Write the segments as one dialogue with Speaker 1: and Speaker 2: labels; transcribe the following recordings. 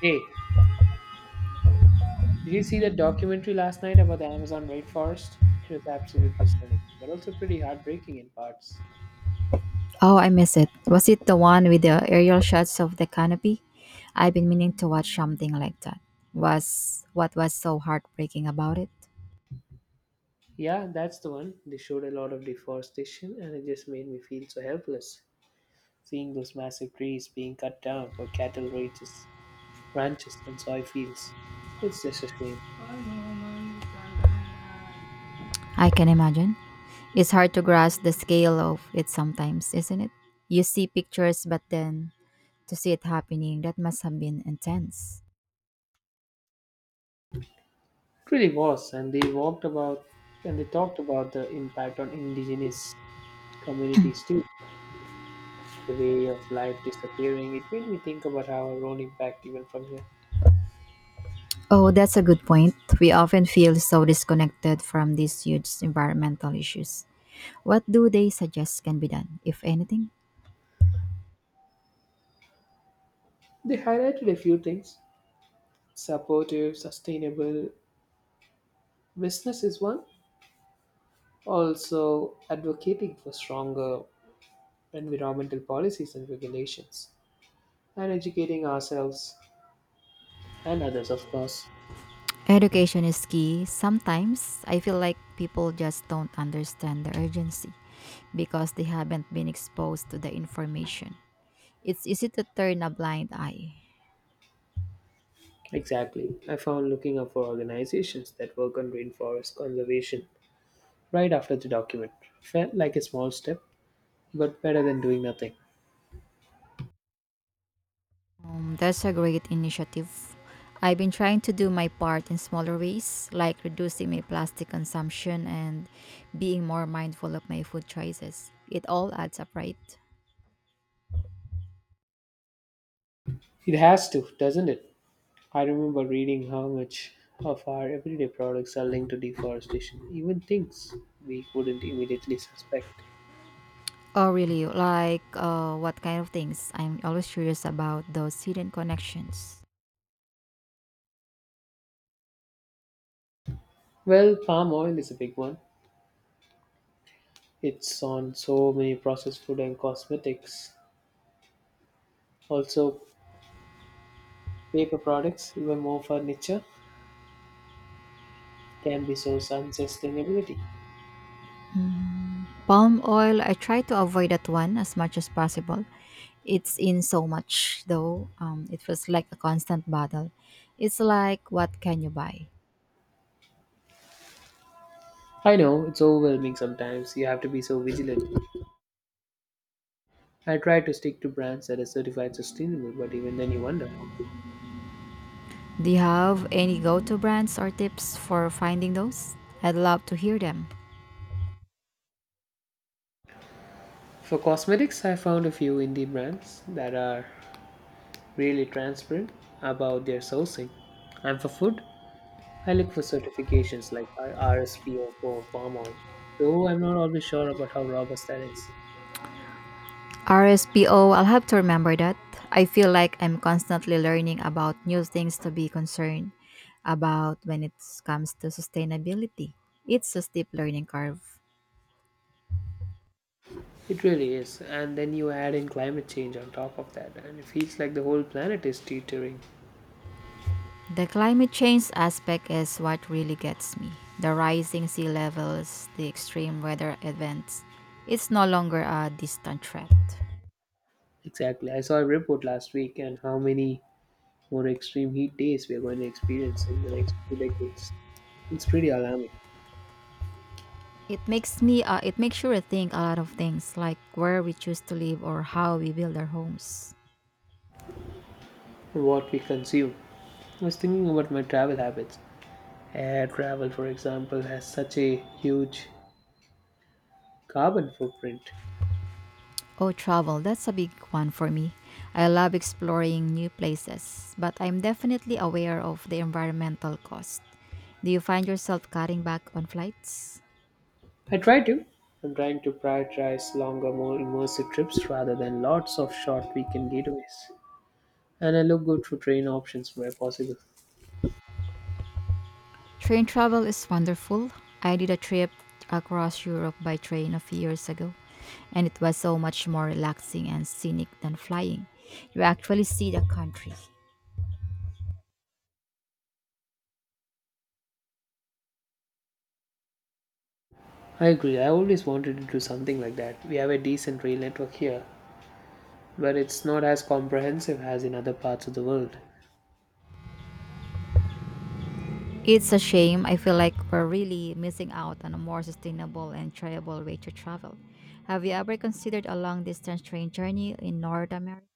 Speaker 1: Hey, did you see that documentary last night about the Amazon rainforest? It was absolutely stunning, but also pretty heartbreaking in parts.
Speaker 2: Oh, I miss it. Was it the one with the aerial shots of the canopy? I've been meaning to watch something like that. Was what was so heartbreaking about it?
Speaker 1: Yeah, that's the one. They showed a lot of deforestation, and it just made me feel so helpless. Seeing those massive trees being cut down for cattle ranches and soy fields, it's just a shame.
Speaker 2: I can imagine. It's hard to grasp the scale of it sometimes, isn't it? You see pictures, but then to see it happening, that must have been intense.
Speaker 1: It really was, and they talked about the impact on indigenous communities too. The way of life disappearing. It made me think about our own impact even from here.
Speaker 2: Oh, that's a good point. We often feel so disconnected from these huge environmental issues. What do they suggest can be done, if anything?
Speaker 1: They highlighted a few things. Supportive, sustainable business is one. Also, advocating for stronger environmental policies and regulations, and educating ourselves and others, of course.
Speaker 2: Education is key. Sometimes I feel like people just don't understand the urgency because they haven't been exposed to the information. It's easy to turn a blind eye.
Speaker 1: Exactly. I found looking up for organizations that work on rainforest conservation right after the document. Felt like a small step, but better than doing nothing.
Speaker 2: That's a great initiative. I've been trying to do my part in smaller ways, like reducing my plastic consumption and being more mindful of my food choices. It all adds up, right?
Speaker 1: It has to, doesn't it? I remember reading how much of our everyday products are linked to deforestation, even things we wouldn't immediately suspect.
Speaker 2: Oh, really? Like, what kind of things? I'm always curious about those hidden connections.
Speaker 1: Well, palm oil is a big one. It's on so many processed food and cosmetics. Also, paper products, even more furniture, can be so unsustainability.
Speaker 2: Palm oil, I try to avoid that one as much as possible. It's in so much, though. It feels like a constant battle. It's like, what can you buy?
Speaker 1: I know it's overwhelming sometimes. You have to be so vigilant. I try to stick to brands that are certified sustainable, but even then you wonder.
Speaker 2: Do you have any go to brands or tips for finding those? I'd love to hear them.
Speaker 1: For cosmetics, I found a few indie brands that are really transparent about their sourcing. And for food, I look for certifications like RSPO for palm oil, though I'm not always sure about how robust that is.
Speaker 2: RSPO, I'll have to remember that. I feel like I'm constantly learning about new things to be concerned about when it comes to sustainability. It's a steep learning curve.
Speaker 1: It really is, and then you add in climate change on top of that, and it feels like the whole planet is teetering.
Speaker 2: The climate change aspect is what really gets me. The rising sea levels, the extreme weather events. It's no longer a distant threat.
Speaker 1: Exactly. I saw a report last week and how many more extreme heat days we are going to experience in the next few decades. It's pretty alarming.
Speaker 2: It makes me it makes you rethink a lot of things like where we choose to live or how we build our homes.
Speaker 1: What we consume. I was thinking about my travel habits. Air travel, for example, has such a huge carbon footprint.
Speaker 2: Oh, travel, that's a big one for me. I love exploring new places, but I'm definitely aware of the environmental cost. Do you find yourself cutting back on flights?
Speaker 1: I try to. I'm trying to prioritize longer, more immersive trips rather than lots of short weekend getaways. And I look good for train options where possible.
Speaker 2: Train travel is wonderful. I did a trip across Europe by train a few years ago, and it was so much more relaxing and scenic than flying. You actually see the country.
Speaker 1: I agree, I always wanted to do something like that. We have a decent rail network here, but it's not as comprehensive as in other parts of the world.
Speaker 2: It's a shame. I feel like we're really missing out on a more sustainable and enjoyable way to travel. Have you ever considered a long distance train journey in North America?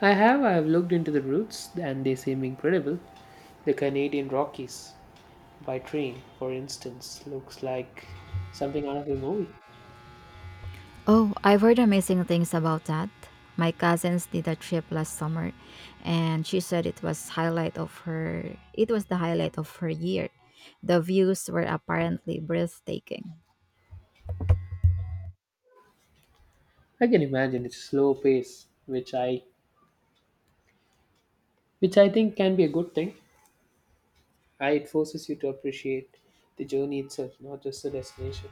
Speaker 1: I have looked into the routes and they seem incredible. The Canadian Rockies, by train, for instance, looks like something out of a movie.
Speaker 2: Oh, I've heard amazing things about that. My cousins did a trip last summer and she said it was highlight of her it was the highlight of her year. The views were apparently breathtaking.
Speaker 1: I can imagine its slow pace, which I think can be a good thing. It forces you to appreciate the journey itself, not just the destination.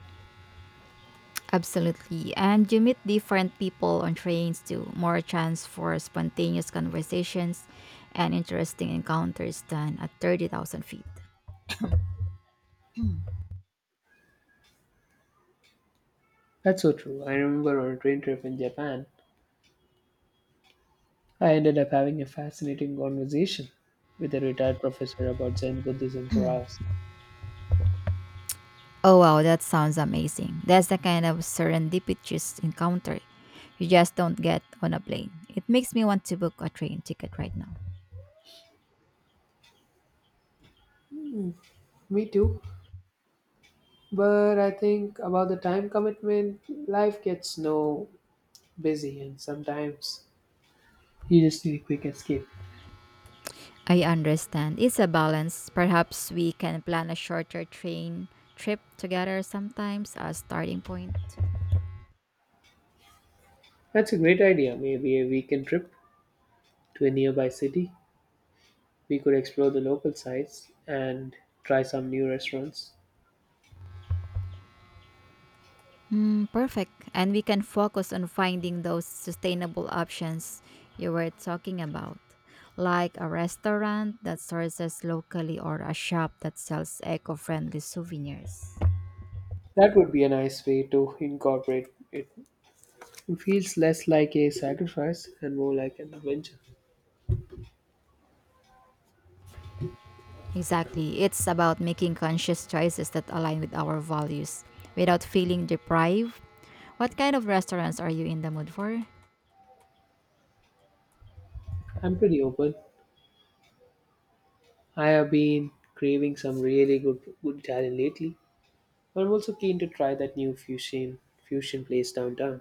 Speaker 2: Absolutely. And you meet different people on trains too, more chance for spontaneous conversations and interesting encounters than at 30,000 feet.
Speaker 1: That's so true. I remember on a train trip in Japan, I ended up having a fascinating conversation with a retired professor about Zen Buddhism for hours.
Speaker 2: Oh wow, that sounds amazing. That's the kind of serendipitous encounter you just don't get on a plane. It makes me want to book a train ticket right now.
Speaker 1: Me too. But I think about the time commitment, life gets no busy and sometimes you just need a quick escape.
Speaker 2: I understand. It's a balance. Perhaps we can plan a shorter train trip together sometimes as starting point.
Speaker 1: That's a great idea. Maybe a weekend trip to a nearby city. We could explore the local sites and try some new restaurants.
Speaker 2: Hmm, perfect. And we can focus on finding those sustainable options you were talking about, like a restaurant that sources locally or a shop that sells eco-friendly souvenirs.
Speaker 1: That would be a nice way to incorporate it. It feels less like a sacrifice and more like an adventure.
Speaker 2: Exactly. It's about making conscious choices that align with our values without feeling deprived. What kind of restaurants are you in the mood for?
Speaker 1: I'm pretty open. I have been craving some really good Italian lately. I'm also keen to try that new fusion place downtown.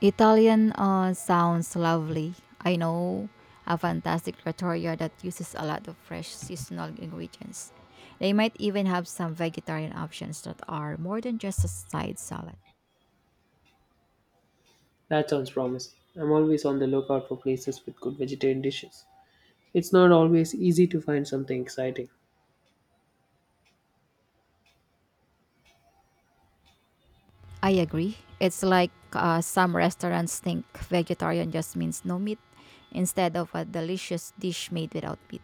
Speaker 2: Italian sounds lovely. I know a fantastic trattoria that uses a lot of fresh seasonal ingredients. They might even have some vegetarian options that are more than just a side salad.
Speaker 1: That sounds promising. I'm always on the lookout for places with good vegetarian dishes. It's not always easy to find something exciting.
Speaker 2: I agree. It's like some restaurants think vegetarian just means no meat instead of a delicious dish made without meat.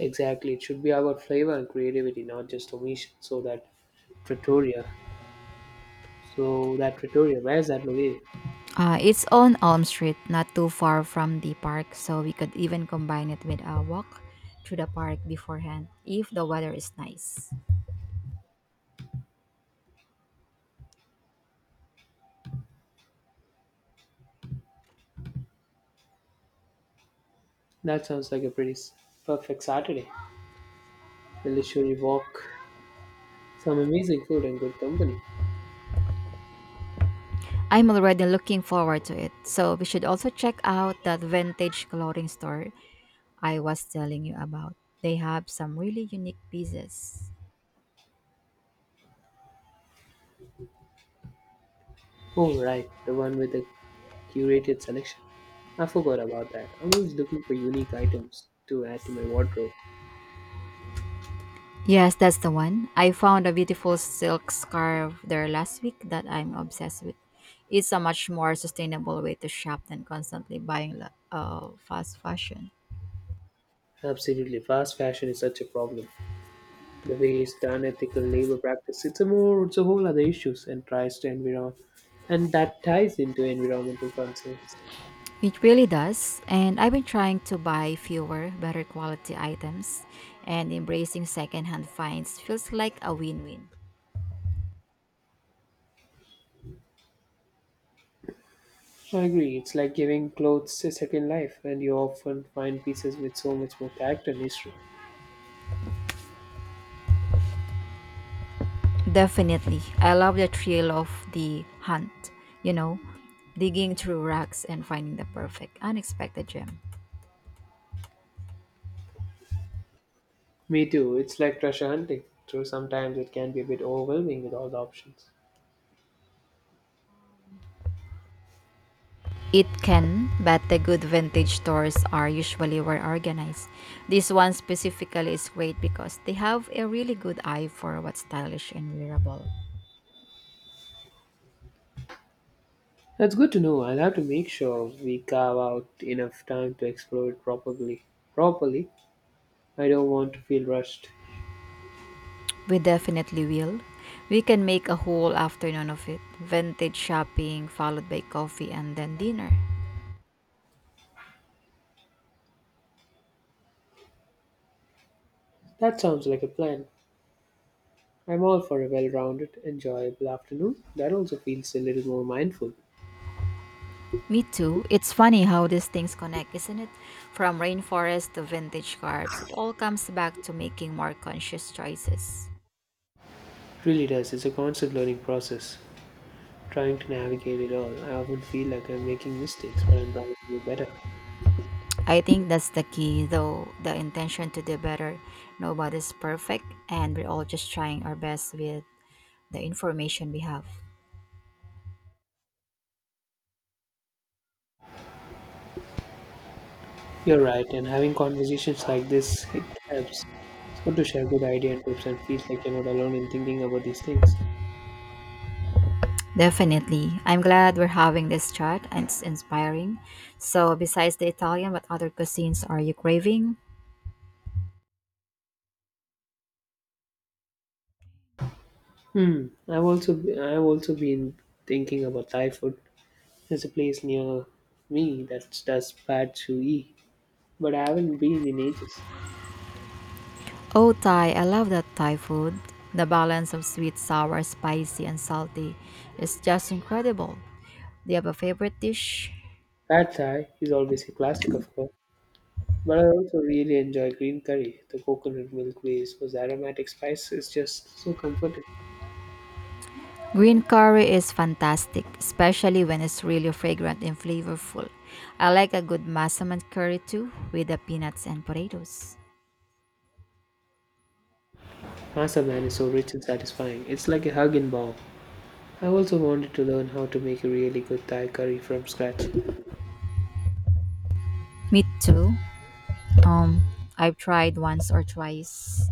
Speaker 1: Exactly. It should be about flavor and creativity, not just omission. Pretoria. So that Pretoria, where is that located?
Speaker 2: It's on Elm Street, not too far from the park, so we could even combine it with a walk through the park beforehand if the weather is nice.
Speaker 1: That sounds like a pretty perfect Saturday. Will it walk? Some amazing food and good company.
Speaker 2: I'm already looking forward to it, so we should also check out that vintage clothing store I was telling you about. They have some really unique pieces.
Speaker 1: Oh, right. The one with the curated selection. I forgot about that. I'm always looking for unique items to add to my wardrobe.
Speaker 2: Yes, that's the one. I found a beautiful silk scarf there last week that I'm obsessed with. It's a much more sustainable way to shop than constantly buying fast fashion.
Speaker 1: Absolutely. Fast fashion is such a problem. The way it's done, ethical labor practice, it's a whole other issues and tries to environ, and that ties into environmental concerns.
Speaker 2: It really does. And I've been trying to buy fewer, better quality items, and embracing secondhand finds feels like a win win.
Speaker 1: I agree. It's like giving clothes a second life, and you often find pieces with so much more character and history.
Speaker 2: Definitely. I love the thrill of the hunt, you know, digging through racks and finding the perfect, unexpected gem.
Speaker 1: Me too. It's like treasure hunting. Though sometimes it can be a bit overwhelming with all the options.
Speaker 2: It can, but the good vintage stores are usually well organized. This one specifically is great because they have a really good eye for what's stylish and wearable.
Speaker 1: That's good to know. I'll have to make sure we carve out enough time to explore it properly. Properly, I don't want to feel rushed.
Speaker 2: We definitely will. We can make a whole afternoon of it. Vintage shopping, followed by coffee and then dinner.
Speaker 1: That sounds like a plan. I'm all for a well rounded, enjoyable afternoon that also feels a little more mindful. It
Speaker 2: Me too. It's funny how these things connect, isn't it? From rainforest to vintage carbs, it all comes back to making more conscious choices.
Speaker 1: really does, it's a constant learning process. Trying to navigate it all, I often feel like I'm making mistakes, but I'm trying to do better.
Speaker 2: I think that's the key, though the intention to do better. Nobody's perfect, and we're all just trying our best with the information we have.
Speaker 1: You're right, and having conversations like this, it helps. It's good to share good ideas and tips and feels like you're not alone in thinking about these things.
Speaker 2: Definitely. I'm glad we're having this chat and it's inspiring. So, besides the Italian, what other cuisines are you craving?
Speaker 1: Hmm. I've also been thinking about Thai food. There's a place near me that does pad Chu E, but I haven't been in ages.
Speaker 2: Oh, Thai. I love that Thai food. The balance of sweet, sour, spicy, and salty is just incredible. Do you have a favorite dish?
Speaker 1: Pad Thai is always a classic, of course, but I also really enjoy green curry. The coconut milk glaze with aromatic spice is just so comforting.
Speaker 2: Green curry is fantastic, especially when it's really fragrant and flavorful. I like a good massaman curry too, with the peanuts and potatoes.
Speaker 1: Masa man is so rich and satisfying. It's like a hug in bowl. I also wanted to learn how to make a really good Thai curry from scratch.
Speaker 2: Me too. Um, I've tried once or twice,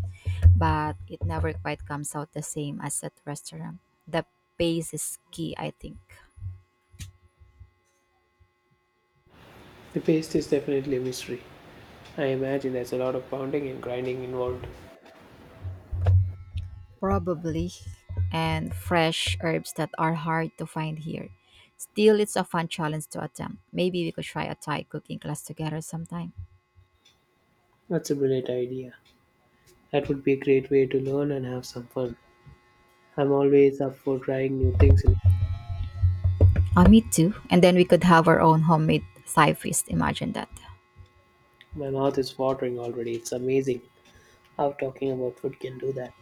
Speaker 2: but it never quite comes out the same as at restaurant. The pace is key, I think.
Speaker 1: The paste is definitely a mystery. I imagine there's a lot of pounding and grinding involved.
Speaker 2: Probably. And fresh herbs that are hard to find here. Still, it's a fun challenge to attempt. Maybe we could try a Thai cooking class together sometime.
Speaker 1: That's a brilliant idea. That would be a great way to learn and have some fun. I'm always up for trying new things.
Speaker 2: Oh, me too. And then we could have our own homemade Thai feast. Imagine that.
Speaker 1: My mouth is watering already. It's amazing how talking about food can do that.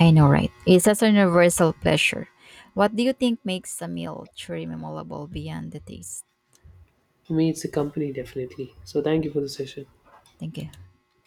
Speaker 2: I know, right? It's such a universal pleasure. What do you think makes a meal truly memorable beyond the taste?
Speaker 1: For me, it's a company, definitely. So, thank you for the session.
Speaker 2: Thank you.